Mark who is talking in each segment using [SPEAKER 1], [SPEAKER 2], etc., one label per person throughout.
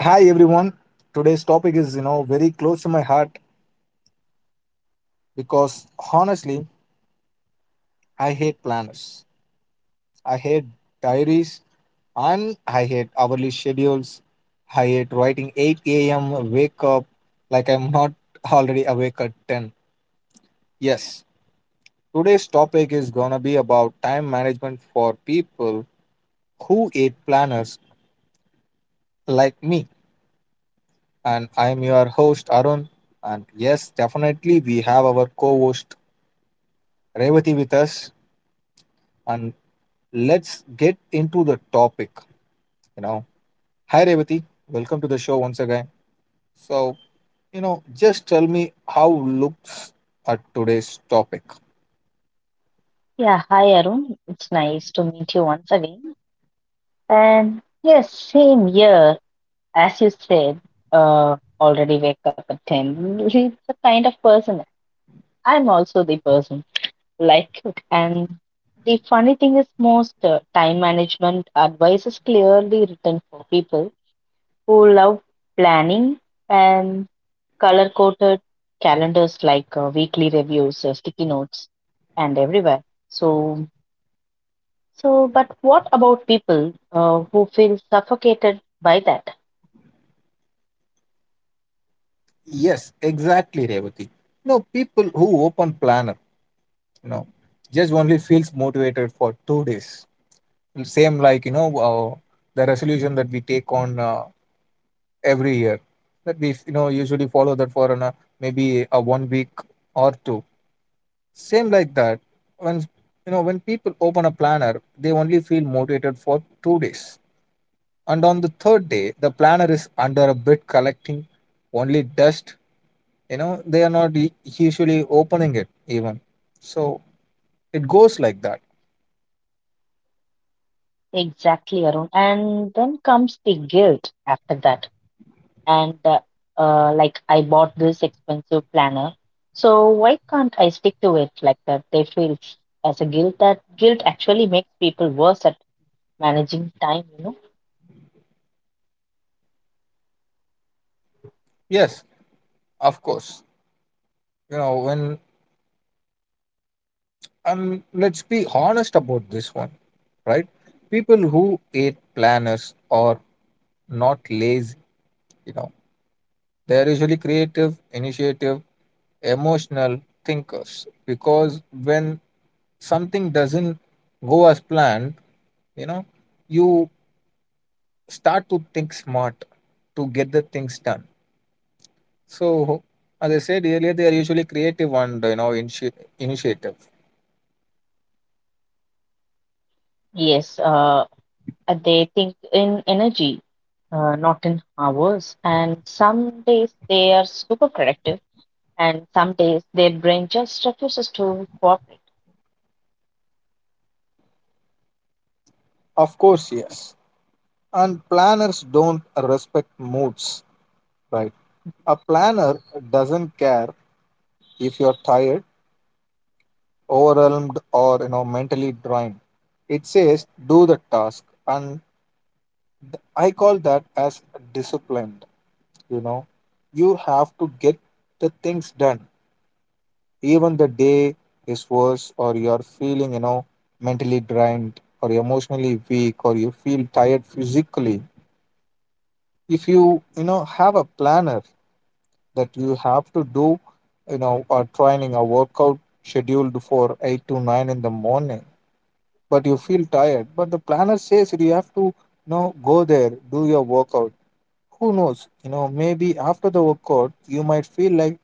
[SPEAKER 1] Hi everyone. Today's topic is, very close to my heart because honestly, I hate planners. I hate diaries and I hate hourly schedules. I hate writing 8 a.m. wake up like I'm not already awake at 10. Yes, today's topic is gonna be about time management for people who hate planners like me. And I'm your host, Arun. And yes, definitely we have our co-host Revati with us and let's get into the topic. You know, hi Revati, welcome to the show once again. So, just tell me how looks at today's topic.
[SPEAKER 2] Yeah, hi Arun. It's nice to meet you once again. And yes, same year, as you said, already wake up at 10. It's the kind of person. I'm also the person like it. And the funny thing is, most time management advice is clearly written for people who love planning and color coded calendars like weekly reviews, sticky notes, and everywhere. So So, but what about people who feel suffocated by that?
[SPEAKER 1] Yes, exactly, Revati. People who open planner, you know, just only feels motivated for 2 days. Same like the resolution that we take on every year that we usually follow that for maybe a one week or two. Same like that. When you know when people open a planner, they only feel motivated for 2 days, and on the third day, the planner is under a bit collecting only dust. They are not usually opening it even. So it goes like that.
[SPEAKER 2] Exactly, Arun. And then comes the guilt after that. And Like, I bought this expensive planner, so why can't I stick to it like that? They feel as a guilt that guilt actually makes people worse at managing time, you know?
[SPEAKER 1] Yes, of course. You know when and let's be honest about this one, right? People who hate planners are not lazy. You know they are usually creative, initiative emotional thinkers because when something doesn't go as planned, you know, you start to think smart to get the things done. So, as I said earlier, they are usually creative and initiative.
[SPEAKER 2] Yes, they think in energy, not in hours. And some days they are super productive and some days their brain just refuses to cooperate.
[SPEAKER 1] Of course, yes. And planners don't respect moods, right? A planner doesn't care if you're tired, overwhelmed, or mentally drained. It says do the task and I call that as disciplined. You know, you have to get the things done, even the day is worse, or you're feeling, mentally drained, or emotionally weak, or you feel tired physically. If you, have a planner that you have to do, or training a workout scheduled for 8 to 9 in the morning, but you feel tired, but the planner says you have to, go there, do your workout. Who knows? Maybe after the workout, you might feel like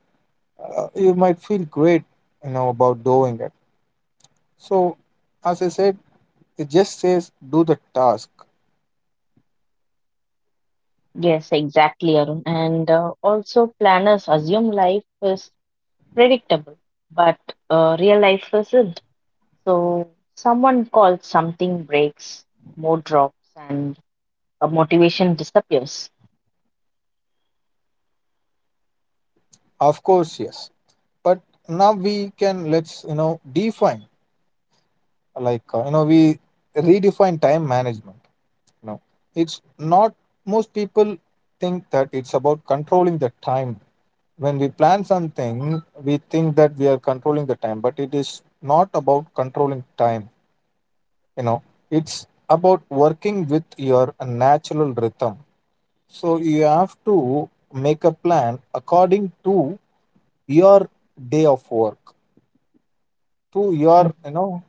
[SPEAKER 1] you might feel great, about doing it. So, as I said, it just says do the task.
[SPEAKER 2] Yes, exactly, Arun. And also, planners assume life is predictable, but real life isn't. So, someone calls, something breaks, mood drops, and motivation disappears.
[SPEAKER 1] Of course, yes. But now we can let's define like we redefine time management. You know, it's not most people think that it's about controlling the time. When we plan something, we think that we are controlling the time, but it is not about controlling time, you know it's about working with your natural rhythm. So you have to make a plan according to your day of work to
[SPEAKER 2] Mhm,
[SPEAKER 1] your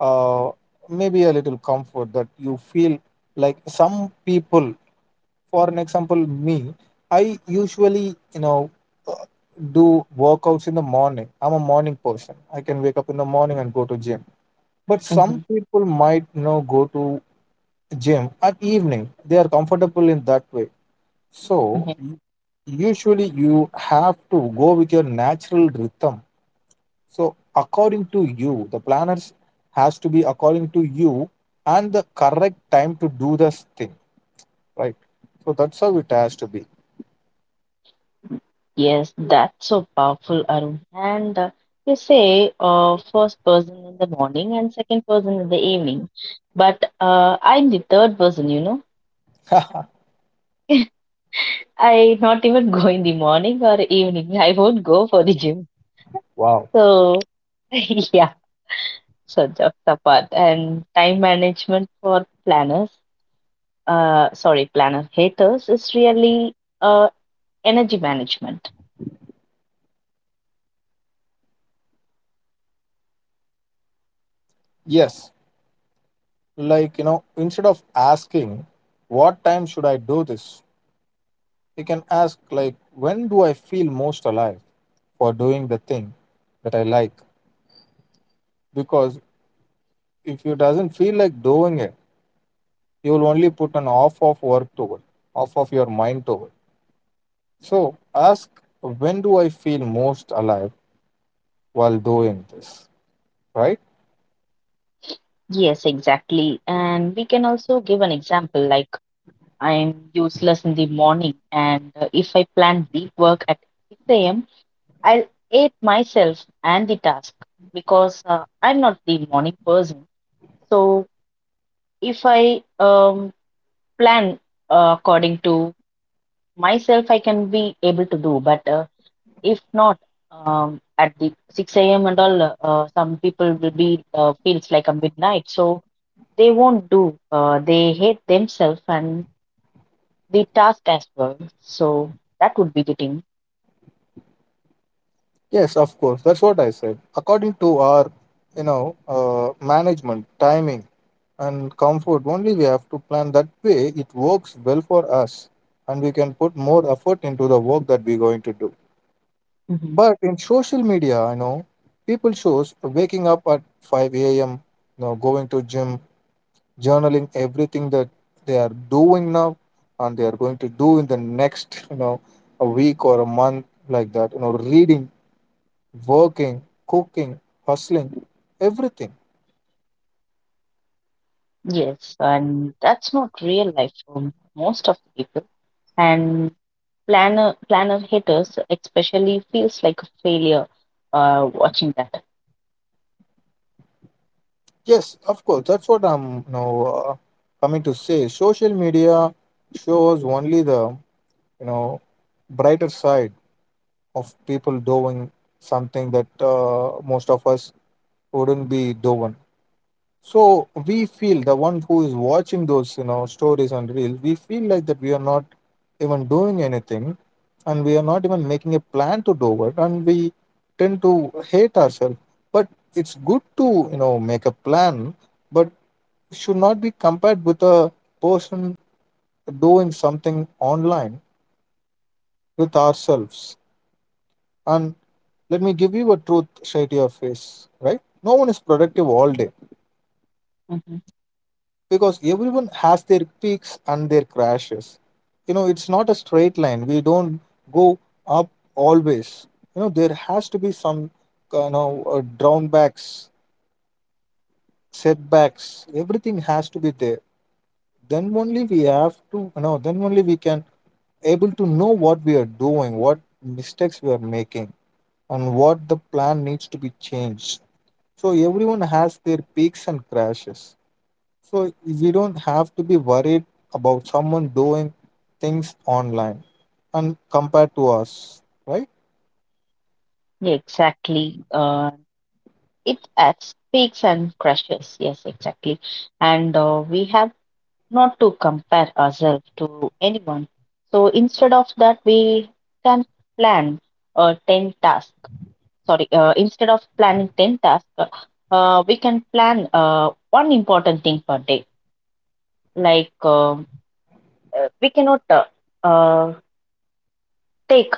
[SPEAKER 1] uh, maybe a little comfort that you feel like. Some people, for an example, me, I usually you know uh, do workouts in the morning. I'm a morning person. I can wake up in the morning and go to gym, but some
[SPEAKER 2] mhm,
[SPEAKER 1] people might go to gym at evening. They are comfortable in that way, so
[SPEAKER 2] mhm.
[SPEAKER 1] usually you have to go with your natural rhythm. So according to you, the planners has to be according to you and the correct time to do this thing, right? So that's how it has to be.
[SPEAKER 2] Yes, that's so powerful, Arun. And you say first person in the morning and second person in the evening, but I'm the third person, you know. I not even go in the morning or evening. I won't go for the gym.
[SPEAKER 1] Wow.
[SPEAKER 2] So, yeah, so jokes apart. And time management for planners, sorry, planner haters is really uh, energy management.
[SPEAKER 1] Yes, like instead of asking, what time should I do this? You can ask, like, when do I feel most alive for doing the thing that I like? Because if you doesn't feel like doing it, you will only put an off of work to off of your mind to. So ask, when do I feel most alive while doing this, right?
[SPEAKER 2] Yes, exactly. And we can also give an example like I'm useless in the morning, and if I plan deep work at 6 a.m., I'll hate myself and the task because I'm not the morning person. So if I plan according to myself, I can be able to do. But if not, at the 6 a.m. and all, some people will be feels like a midnight, so they won't do. They hate themselves and the task as well. So that would be the thing.
[SPEAKER 1] Yes, of course. That's what I said. According to our, management, timing, and comfort, only we have to plan that way. It works well for us, and we can put more effort into the work that we're going to do.
[SPEAKER 2] Hmm.
[SPEAKER 1] But in social media, I know people shows waking up at 5 a.m., going to gym, journaling everything that they are doing now and they are going to do in the next, a week or a month like that, reading, working, cooking, hustling, everything.
[SPEAKER 2] Yes, and that's not real life for most of the people. And planner haters especially feels like a failure watching that.
[SPEAKER 1] Yes, of course, that's what I'm coming to say. Social media shows only the you know brighter side of people doing something that most of us wouldn't be doing. So we feel the one who is watching those, stories and reels, we feel like that we are not even doing anything, and we are not even making a plan to do it, and we tend to hate ourselves. But it's good to make a plan, but should not be compared with a person doing something online with ourselves. And let me give you a truth straight to your face, right? No one is productive all day
[SPEAKER 2] Mhm.
[SPEAKER 1] because everyone has their peaks and their crashes. It's not a straight line. We don't go up always. There has to be some kind of down setbacks. Everything has to be there. Then only we have to, no, then only we can able to know what we are doing, what mistakes we are making, and what the plan needs to be changed. So everyone has their peaks and crashes. So we don't have to be worried about someone doing things online and compared to us, right?
[SPEAKER 2] Yeah, exactly. It adds peaks and crashes. Yes, exactly. And we have not to compare ourselves to anyone. So instead of that, we can plan 10 tasks. Sorry, instead of planning 10 tasks, we can plan one important thing per day. Like we cannot uh, take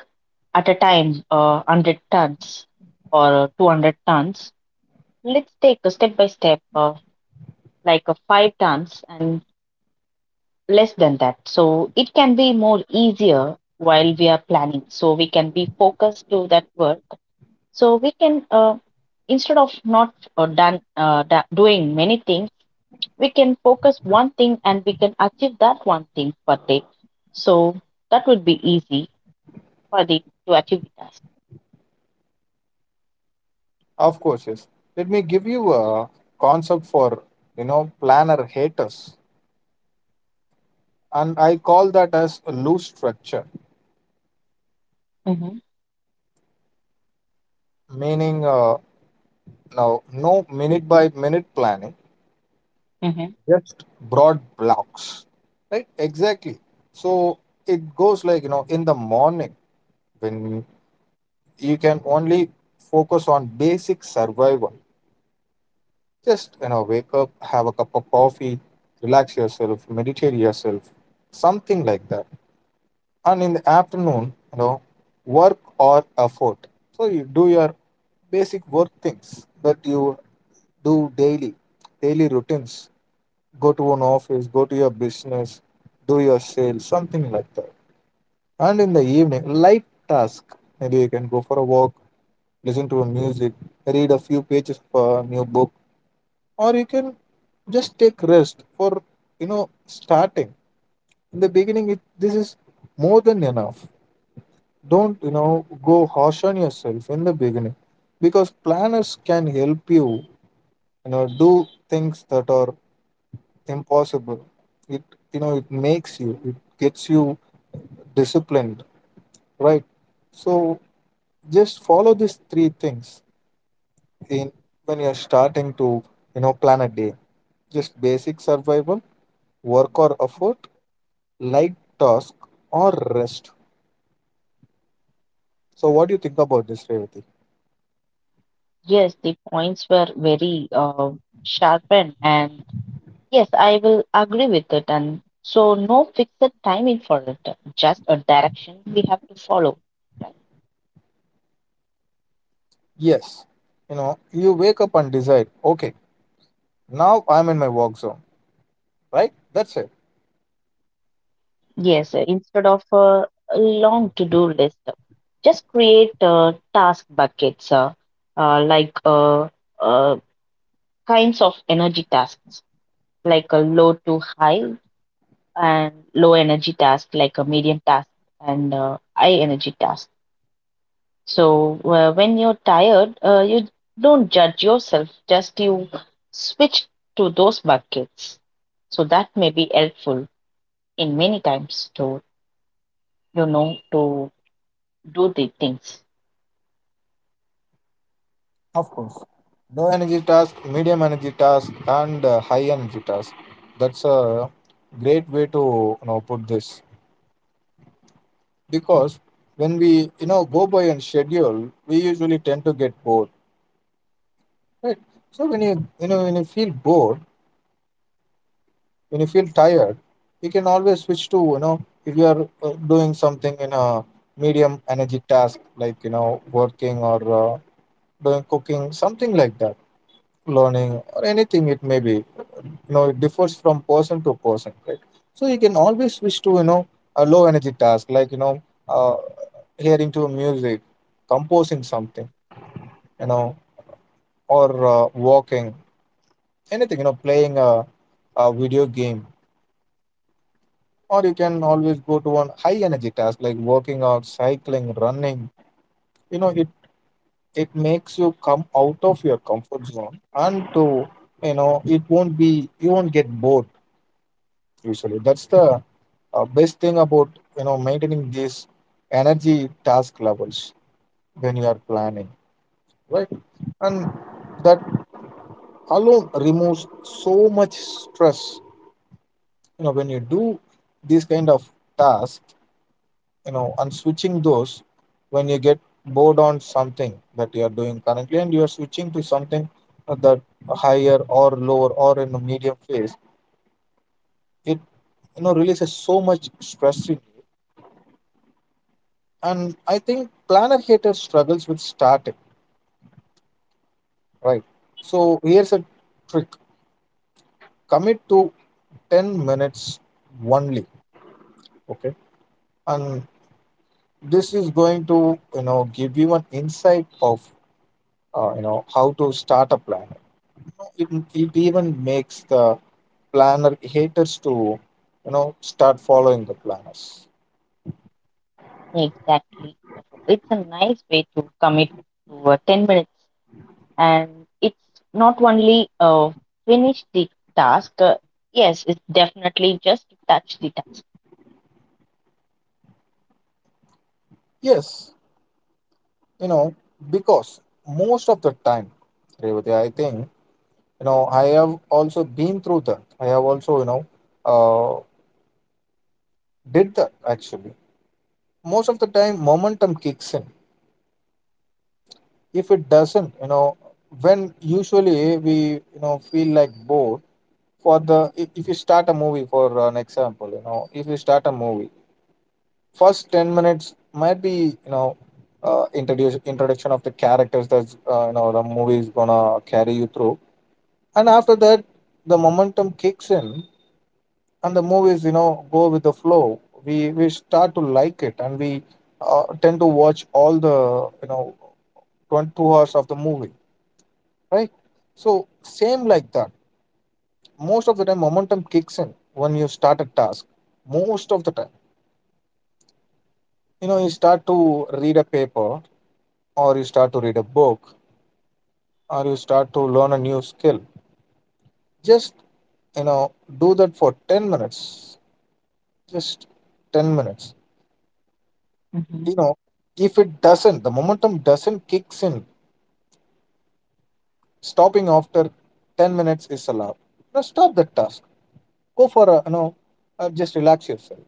[SPEAKER 2] at a time 100 tons or 200 tons. Let's take a step by step, like a five tons and less than that. So it can be more easier while we are planning. So we can be focused to that work. So we can, instead of not done doing many things, we can focus one thing and we can achieve that one thing per day. So that would be easy for the to achieve the task.
[SPEAKER 1] Of course, yes. Let me give you a concept for, you know, planner haters. And I call that as a loose structure,
[SPEAKER 2] Mm-hmm.
[SPEAKER 1] meaning now, no minute by minute planning,
[SPEAKER 2] Mm-hmm.
[SPEAKER 1] just broad blocks, right? Exactly. So it goes like, in the morning when you can only focus on basic survival. Just, wake up, have a cup of coffee, relax yourself, meditate yourself, something like that. And in the afternoon, work or effort. So you do your basic work things that you do daily, daily routines. Go to an office, go to your business, do your sales, something like that. And in the evening, light task. Maybe you can go for a walk, listen to a music, read a few pages of a new book, or you can just take rest for starting. In the beginning, this is more than enough. Don't, go harsh on yourself in the beginning, because planners can help you, do things that are impossible. It, you know, it makes you, it gets you disciplined, right? So just follow these three things in when you're starting to, plan a day. Just basic survival, work or effort, light task, or rest. So, what do you think about this, Revati?
[SPEAKER 2] Yes, the points were very sharpened and yes, I will agree with it. And so, no fixed timing for it, just a direction we have to follow. Right?
[SPEAKER 1] Yes, you wake up and decide, okay, now I'm in my work zone, right? That's it.
[SPEAKER 2] Yes, instead of a long to do list, just create task buckets uh, like uh, uh, kinds of energy tasks, like a low to high and low energy task, like a medium task and high energy task. So when you're tired, you don't judge yourself, just you switch to those buckets. So that may be helpful in many times to, you know, to do the things.
[SPEAKER 1] Of course. Low energy task, medium energy task, and high energy task. That's a great way to put this, because when we go by and schedule, we usually tend to get bored, right? So when you feel bored, when you feel tired, you can always switch to if you are doing something in a medium energy task, like working or doing cooking, something like that, learning or anything it may be, it differs from person to person, right? So you can always switch to a low energy task, like uh, hearing to music, composing something, you know or walking, anything, playing a video game, or you can always go to one high energy task like working out, cycling, running. you know it it makes you come out of your comfort zone, and to it won't be you won't get bored usually. That's the best thing about maintaining these energy task levels when you are planning, right? And that alone removes so much stress when you do these kind of tasks, and switching those. When you get bored on something that you are doing currently and you are switching to something that higher or lower or in a medium phase, it releases so much stress in you. And I think planner hater struggles with starting, right? So here's a trick. Commit to 10 minutes only, okay? And this is going to give you an insight of how to start a plan. It even makes the planner haters to, start following the planners.
[SPEAKER 2] Exactly. It's a nice way to commit to 10 minutes and it's not only finish the task. Yes, it's definitely just touch the task.
[SPEAKER 1] Yes, you know, because most of the time, Revati, I think, I have also been through that. I have also, uh, did that actually. Most of the time, momentum kicks in. If it doesn't, when usually we, feel like bored if you start a movie, for an example, if you start a movie, first 10 minutes might be you know introduce introduction of the characters. That's the movie is gonna carry you through. And after that, the momentum kicks in and the movies, go with the flow. We start to like it and we tend to watch all the, you know 22 hours of the movie, right? So same like that, most of the time momentum kicks in when you start a task. Most of the time, you know, you start to read a paper, or you start to read a book, or you start to learn a new skill. Just, you know, do that for 10 minutes. Just 10 minutes.
[SPEAKER 2] hmm
[SPEAKER 1] You know, if it doesn't, the momentum doesn't kicks in, stopping after 10 minutes is allowed. Now stop that task. Go for a, just relax yourself.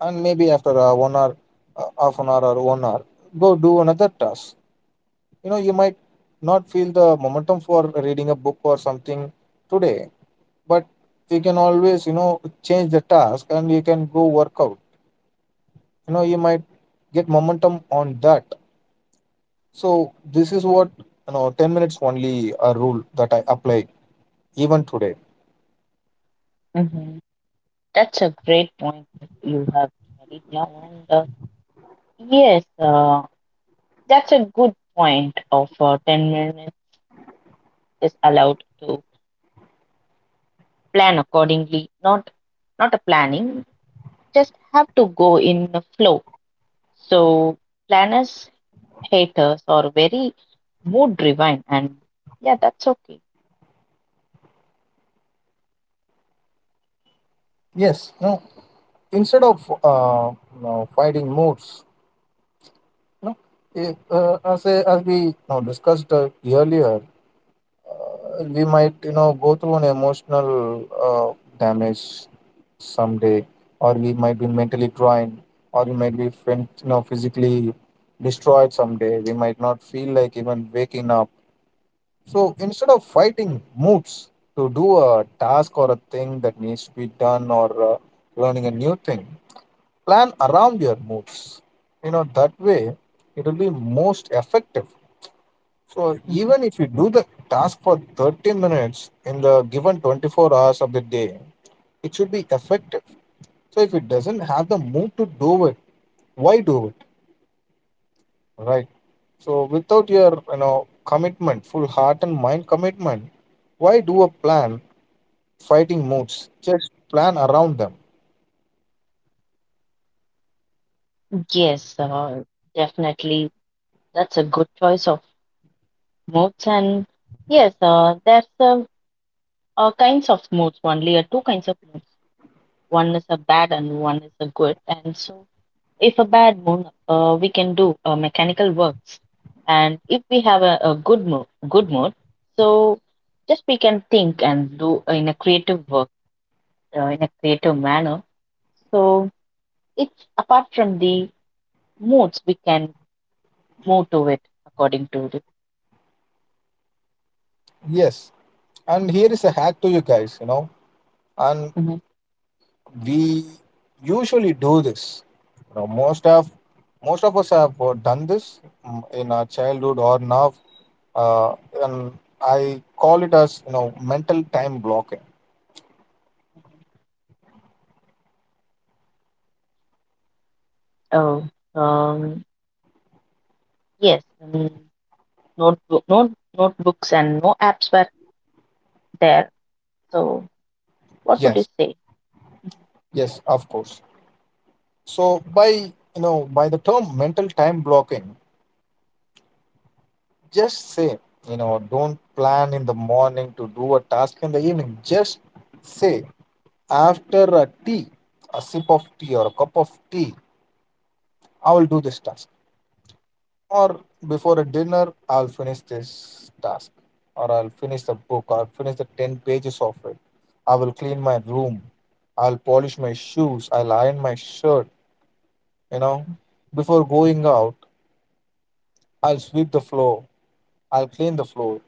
[SPEAKER 1] And maybe after one hour, half an hour or one hour, go do another task. You know, you might not feel the momentum for reading a book or something today, but we can always, you know, change the task and you can go work out. You know, you might get momentum on that. So this is what, you know, 10 minutes only, a rule that I apply even today.
[SPEAKER 2] hmm. That's a great point you have carried now. And Yes, that's a good point. Of 10 minutes is allowed to plan accordingly. Not a planning, just have to go in the flow. So planners, haters are very mood driven, and yeah, that's okay.
[SPEAKER 1] Yes, you know, instead of fighting moods, you know, if, as, I, as we, you know, discussed earlier, we might, you know, go through an emotional uh, damage someday, or we might be mentally drained, or we might be you know, physically destroyed someday. We might not feel like even waking up. So instead of fighting moods to do a task or a thing that needs to be done, or learning a new thing, plan around your moods. You know, that way it will be most effective. So
[SPEAKER 2] Mhm.
[SPEAKER 1] even if you do the task for 30 minutes in the given 24 hours of the day, it should be effective. So if it doesn't have the mood to do it, why do it? Right. So without your, you know, commitment, full heart and mind commitment, why do a plan fighting moods? Just plan around them.
[SPEAKER 2] Yes, definitely. That's a good choice of moods. And yes, there's kinds of moods only, two kinds of moods. One is a bad and one is a good. And so if a bad mood, we can do mechanical works, and if we have a good mood, so just we can think and do in a creative work in a creative manner. So it's apart from the moods, we can move to it according to the.
[SPEAKER 1] Yes. And here is a hack to you guys, you know. And
[SPEAKER 2] Mhm.
[SPEAKER 1] we usually do this. You know, most of, most of us have done this, in our childhood or now, uh, and I call it as, you know, mental time blocking.
[SPEAKER 2] Oh, um, yes, notebook, note, notebooks and no apps were there. So what would you
[SPEAKER 1] Yes,
[SPEAKER 2] say? Mhm.
[SPEAKER 1] yes, of course. So by, you know, by the term mental time blocking, just say, you know, don't plan in the morning to do a task in the evening. Just say after a tea, a sip of tea or a cup of tea, I will do this task. Or before a dinner, I'll finish this task, or I'll finish the book, or I'll finish the 10 pages of it. I will clean my room, I'll polish my shoes, I'll iron my shirt, you know. Before going out, I'll sweep the floor, I'll clean the floor,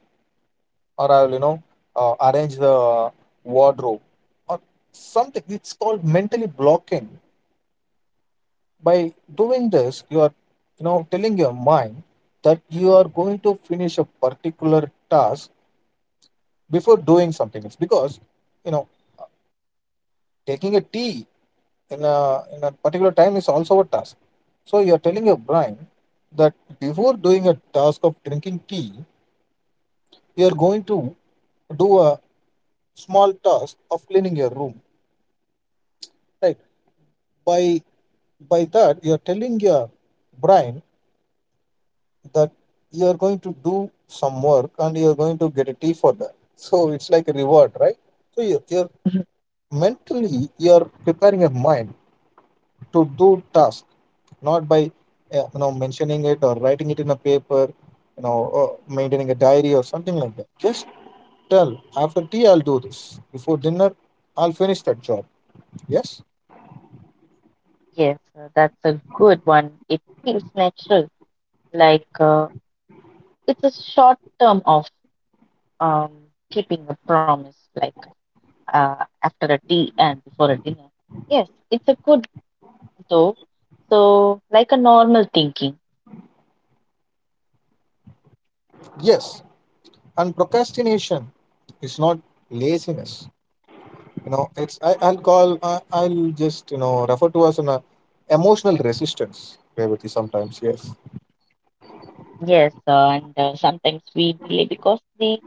[SPEAKER 1] or I'll, arrange the wardrobe, or something. It's called mentally blocking. By doing this, you are, you know, telling your mind that you are going to finish a particular task before doing something. It's because, you know, taking a tea in a particular time is also a task. So you're telling your brain that before doing a task of drinking tea, you're going to do a small task of cleaning your room. Right? By by that you're telling your brain that you're going to do some work and you're going to get a tea for that. So it's like a reward, right? So you're mentally you're preparing your mind to do task, not by you know, mentioning it or writing it in a paper, you know, or maintaining a diary or something like that. Just tell, after tea I'll do this, before dinner I'll finish that job. Yes.
[SPEAKER 2] Yes, that's a good one. It feels natural. Like it's a short term of um, keeping a promise, like after a tea and before a dinner. Yes, it's a good though. So like a normal thinking.
[SPEAKER 1] Yes, and procrastination is not laziness. You know, it's I, I'll call I, I'll just, you know, refer to as an emotional resistance, Revati, sometimes. Yes,
[SPEAKER 2] Yes, and sometimes we delay because the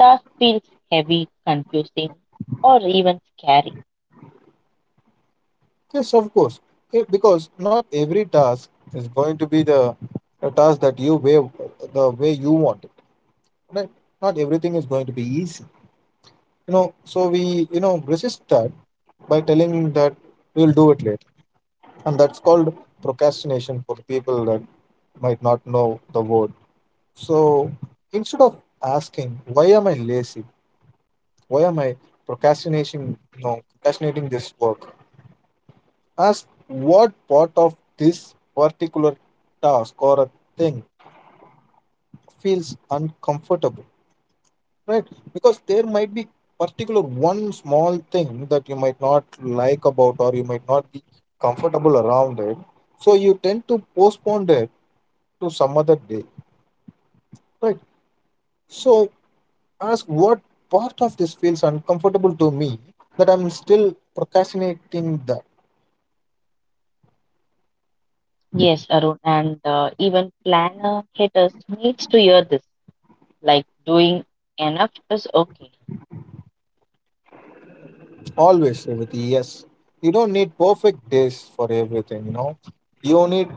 [SPEAKER 2] task feels heavy, confusing, or even scary.
[SPEAKER 1] yes, of course. Because not every task is going to be the a task that you way the way you want it, right? Not everything is going to be easy, you know. So we, you know, resist that by telling that we'll do it later, and that's called procrastination, for the people that might not know the word. So instead of asking, why am I lazy? Why am I procrastinating? You know, procrastinating this work. Ask what part of this particular task or a thing feels uncomfortable, right? Because there might be particular one small thing that you might not like about, or you might not be comfortable around it. So you tend to postpone it to some other day, right? So ask what part of this feels uncomfortable to me that I'm still procrastinating that.
[SPEAKER 2] Yes, Arun, and even planner haters needs to hear this. Like doing enough is okay.
[SPEAKER 1] Always, Revati, yes. You don't need perfect days for everything, you know. You need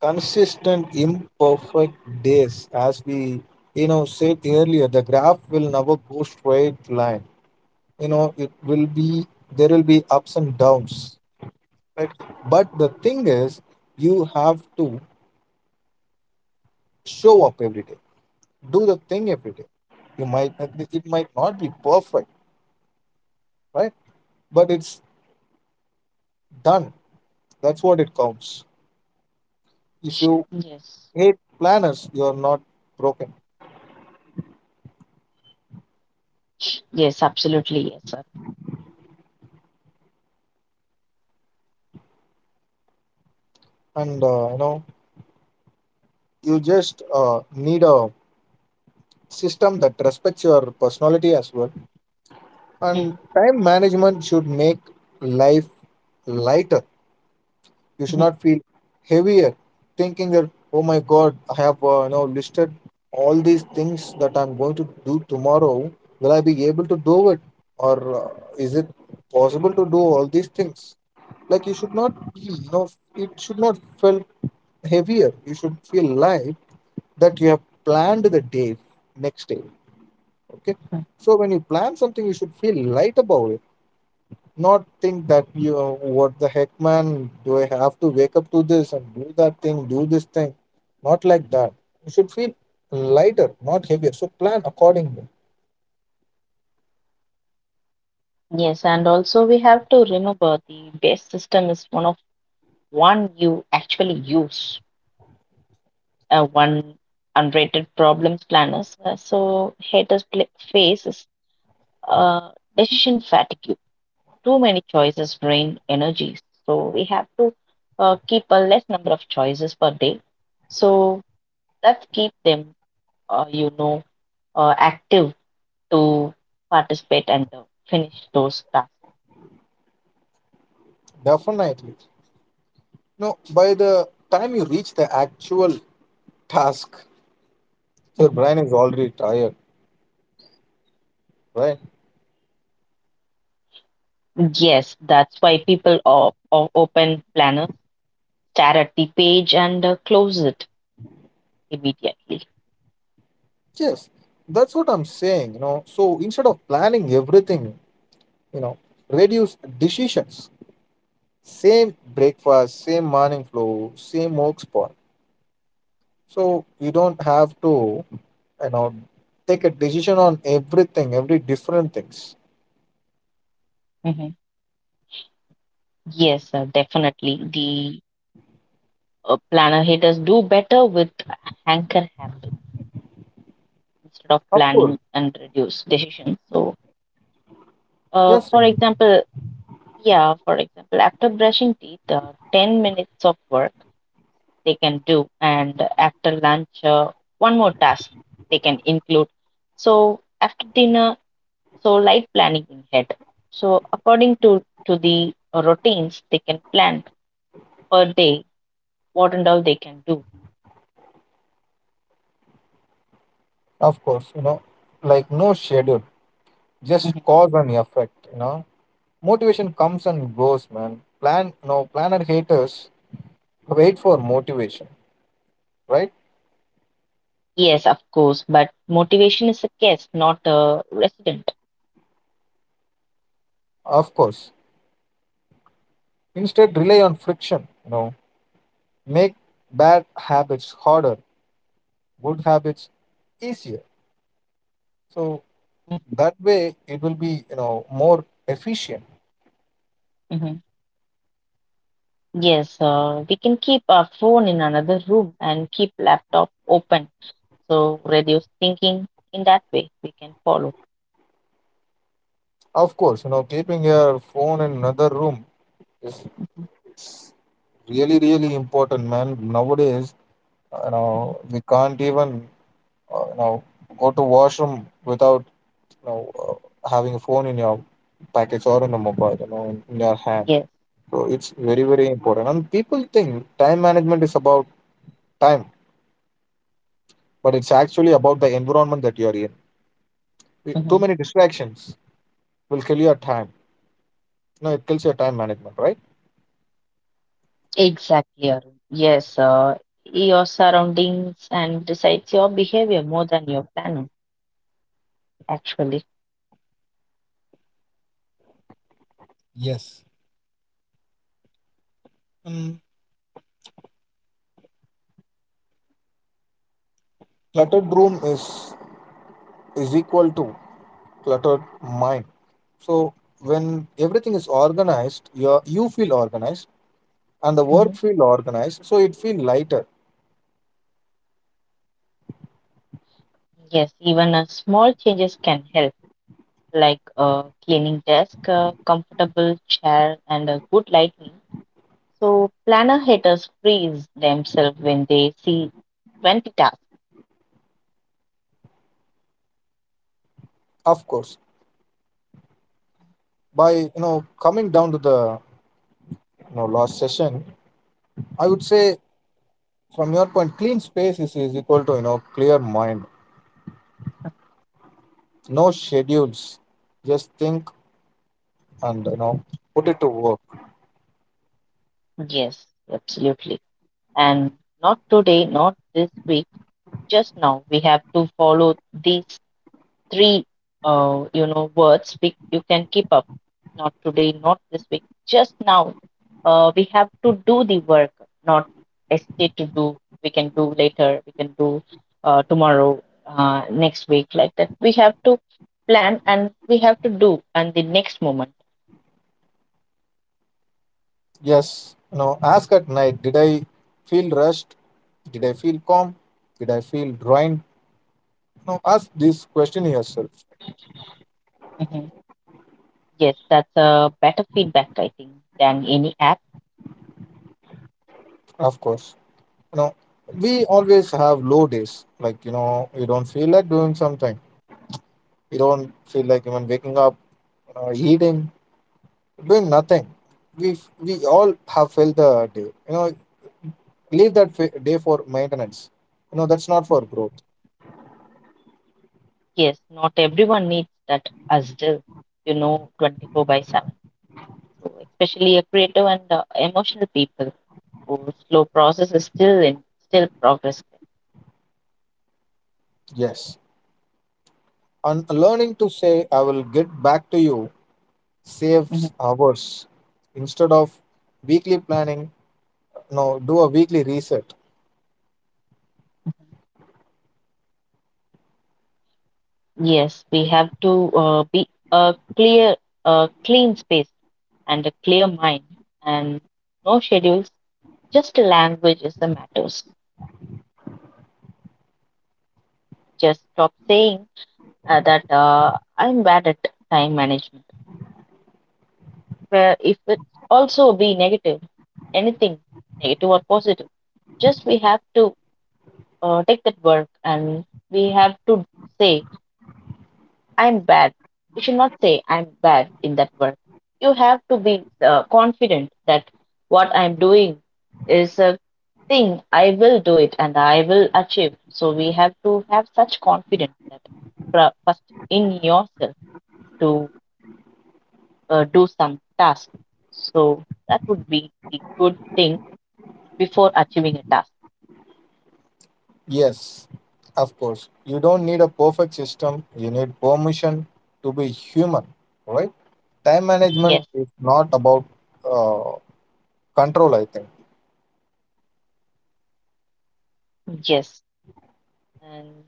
[SPEAKER 1] consistent, imperfect days. As we, you know, said earlier, the graph will never go straight line. You know, it will be, there will be ups and downs, right? But the thing is, you have to show up every day. Do the thing every day. You might, it might not be perfect, right? But it's done. That's what it counts. If you
[SPEAKER 2] Yes,
[SPEAKER 1] great planners, you're not broken.
[SPEAKER 2] yes, absolutely, yes, Arun.
[SPEAKER 1] And you know, you just need a system that respects your personality as well.
[SPEAKER 2] Mhm,
[SPEAKER 1] And time management should make life lighter. You should
[SPEAKER 2] mhm,
[SPEAKER 1] not feel heavier, thinking that, oh my god, I have, you know, listed all these things that I'm going to do tomorrow. Will I be able to do it? Or uh, is it possible to do all these things? Like, you should not be, you know, it should not feel heavier. You should feel light that you have planned the day next day. Okay.
[SPEAKER 2] mhm.
[SPEAKER 1] So when you plan something, you should feel light about it. Not think that you, what the heck, man, do I have to wake up to this and do that thing, do this thing? Not like that. You should feel lighter, not heavier. So plan accordingly.
[SPEAKER 2] Yes, and also we have to remember the base system is one of one you actually use, one unrated problems planners. So haters face is decision fatigue. Too many choices drain energies. So we have to keep a less number of choices per day. So that keep them, you know, active to participate and finish those tasks.
[SPEAKER 1] Definitely. No, by the time you reach the actual task, your
[SPEAKER 2] Mm-hmm.
[SPEAKER 1] brain is already tired, right?
[SPEAKER 2] Yes, that's why people or open planner stare at the page and close it immediately.
[SPEAKER 1] Yes, that's what I'm saying, you know. So instead of planning everything, you know, reduce decisions. Same breakfast, same morning flow, same work spot. So you don't have to, you know, take a decision on everything, every different things.
[SPEAKER 2] Hmm. Yes, definitely. The planner haters do better with anchor habits instead of
[SPEAKER 1] Of
[SPEAKER 2] planning
[SPEAKER 1] course.
[SPEAKER 2] and reduce decisions. So,
[SPEAKER 1] Yes,
[SPEAKER 2] for
[SPEAKER 1] Srini,
[SPEAKER 2] example, yeah, for example, after brushing teeth, 10 minutes of work they can do, and after lunch, one more task they can include. So, after dinner, so light planning in head. So according to the routines, they can plan per day what and all they can do.
[SPEAKER 1] of course, you know, like no schedule, just
[SPEAKER 2] Mhm.
[SPEAKER 1] cause and effect, you know. Motivation comes and goes, man. Plan, no, planner haters wait for motivation, right?
[SPEAKER 2] Yes, of course, but motivation is a guest, not a resident.
[SPEAKER 1] Of course. Instead, rely on friction. You know, make bad habits harder, good habits easier. So
[SPEAKER 2] Mhm,
[SPEAKER 1] that way, it will be, you know, more efficient.
[SPEAKER 2] mhm. Yes, we can keep our phone in another room and keep laptop open. So reduce thinking in that way we can follow.
[SPEAKER 1] Of course, you know, keeping your phone in another room is,
[SPEAKER 2] Mhm,
[SPEAKER 1] it's really really important, man. Nowadays, you know, we can't even uh, you know go to washroom without, having a phone in your package or in a mobile, you know, in your hand.
[SPEAKER 2] yes,
[SPEAKER 1] So it's very,
[SPEAKER 2] yes.
[SPEAKER 1] very important. And people think time management is about time, but it's actually about the environment that you're in. Too
[SPEAKER 2] Mhm.
[SPEAKER 1] many distractions will kill your time. No, it kills your time management, right?
[SPEAKER 2] Exactly, Arun. Yes, your surroundings and decides your behavior more than your planner, actually.
[SPEAKER 1] Yes. And cluttered room is equal to cluttered mind. So when everything is organized, you feel organized and the work
[SPEAKER 2] Mhm.
[SPEAKER 1] feel organized. So it feel lighter,
[SPEAKER 2] Yes, even small changes can help, like a cleaning desk, a comfortable chair, and a good lighting. So planner haters freeze themselves when they see 20 tasks.
[SPEAKER 1] of course. By, you know, coming down to the, you know, last session, I would say, from your point, clean space is equal to, you know, clear mind. No schedules, just think and, you know, put it to work.
[SPEAKER 2] Yes, absolutely. And not today, not this week, just now. We have to follow these three you know words you can keep up. Not today, not this week, just now, we have to do the work, not hesitate to do. We can do later, we can do tomorrow, next week, like that, we have to plan and we have to do and the next moment.
[SPEAKER 1] Yes, you know, ask at night, did I feel rushed? Did I feel calm? Did I feel drained? You know, ask this question yourself.
[SPEAKER 2] Mhm. Yes, that's a better feedback I think than any app.
[SPEAKER 1] Of course, you know,
[SPEAKER 2] Mhm.
[SPEAKER 1] we always have low days. Like, you know, you don't feel like doing something. You don't feel like even waking up, you know, eating, doing nothing. We all have felt the day. You know, leave that day for maintenance. You know, that's not for growth.
[SPEAKER 2] Yes, not everyone needs that as do, you know, 24 by 7. So especially a creative and emotional people whose slow process is still in still progress.
[SPEAKER 1] Yes, and learning to say, "I will get back to you,"
[SPEAKER 2] Mhm.
[SPEAKER 1] saves hours instead of weekly planning. No, do a weekly reset.
[SPEAKER 2] Yes, we have to be a clear, a clean space and a clear mind, and no schedules. Just language is the matters. Just stop saying that I'm bad at time management. Where if it also be negative, anything negative or positive, just we have to take that work and we have to say, I'm bad. You should not say, I'm bad in that work. You have to be confident that what I'm doing is a thing, I will do it and I will achieve. So we have to have such confidence that first in yourself to do some task. So that would be the good thing before achieving a task.
[SPEAKER 1] Yes, of course, you don't need a perfect system, you need permission to be human, right? Time management
[SPEAKER 2] Yes,
[SPEAKER 1] is not about uh, control, I think.
[SPEAKER 2] yes. And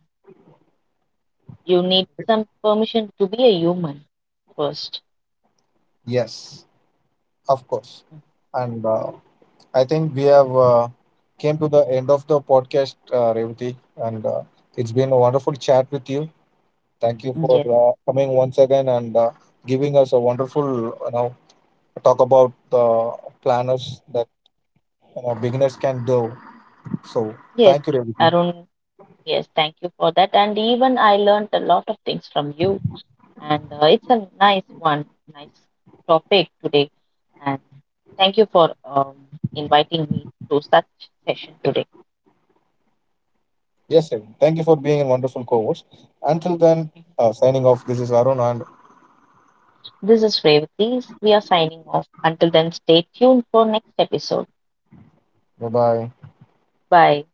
[SPEAKER 2] you need some permission to be a human first.
[SPEAKER 1] Yes, of course. And I think we have came to the end of the podcast, Revati. And it's been a wonderful chat with you. Thank you for
[SPEAKER 2] Yes,
[SPEAKER 1] coming once again, and giving us a wonderful, you know, talk about the planners that, you know, beginners can do. So
[SPEAKER 2] yes,
[SPEAKER 1] thank you, Revati.
[SPEAKER 2] Arun. Yes, thank you for that. And even I learned a lot of things from you. And it's a nice one, nice topic today. And thank you for inviting me to such session today.
[SPEAKER 1] Yes, Revati. Thank you for being a wonderful co-host. Until then,
[SPEAKER 2] Mhm.
[SPEAKER 1] signing off. This is Arun, and
[SPEAKER 2] This is Revati. We are signing off. Until then, stay tuned for next episode.
[SPEAKER 1] bye bye.
[SPEAKER 2] Bye.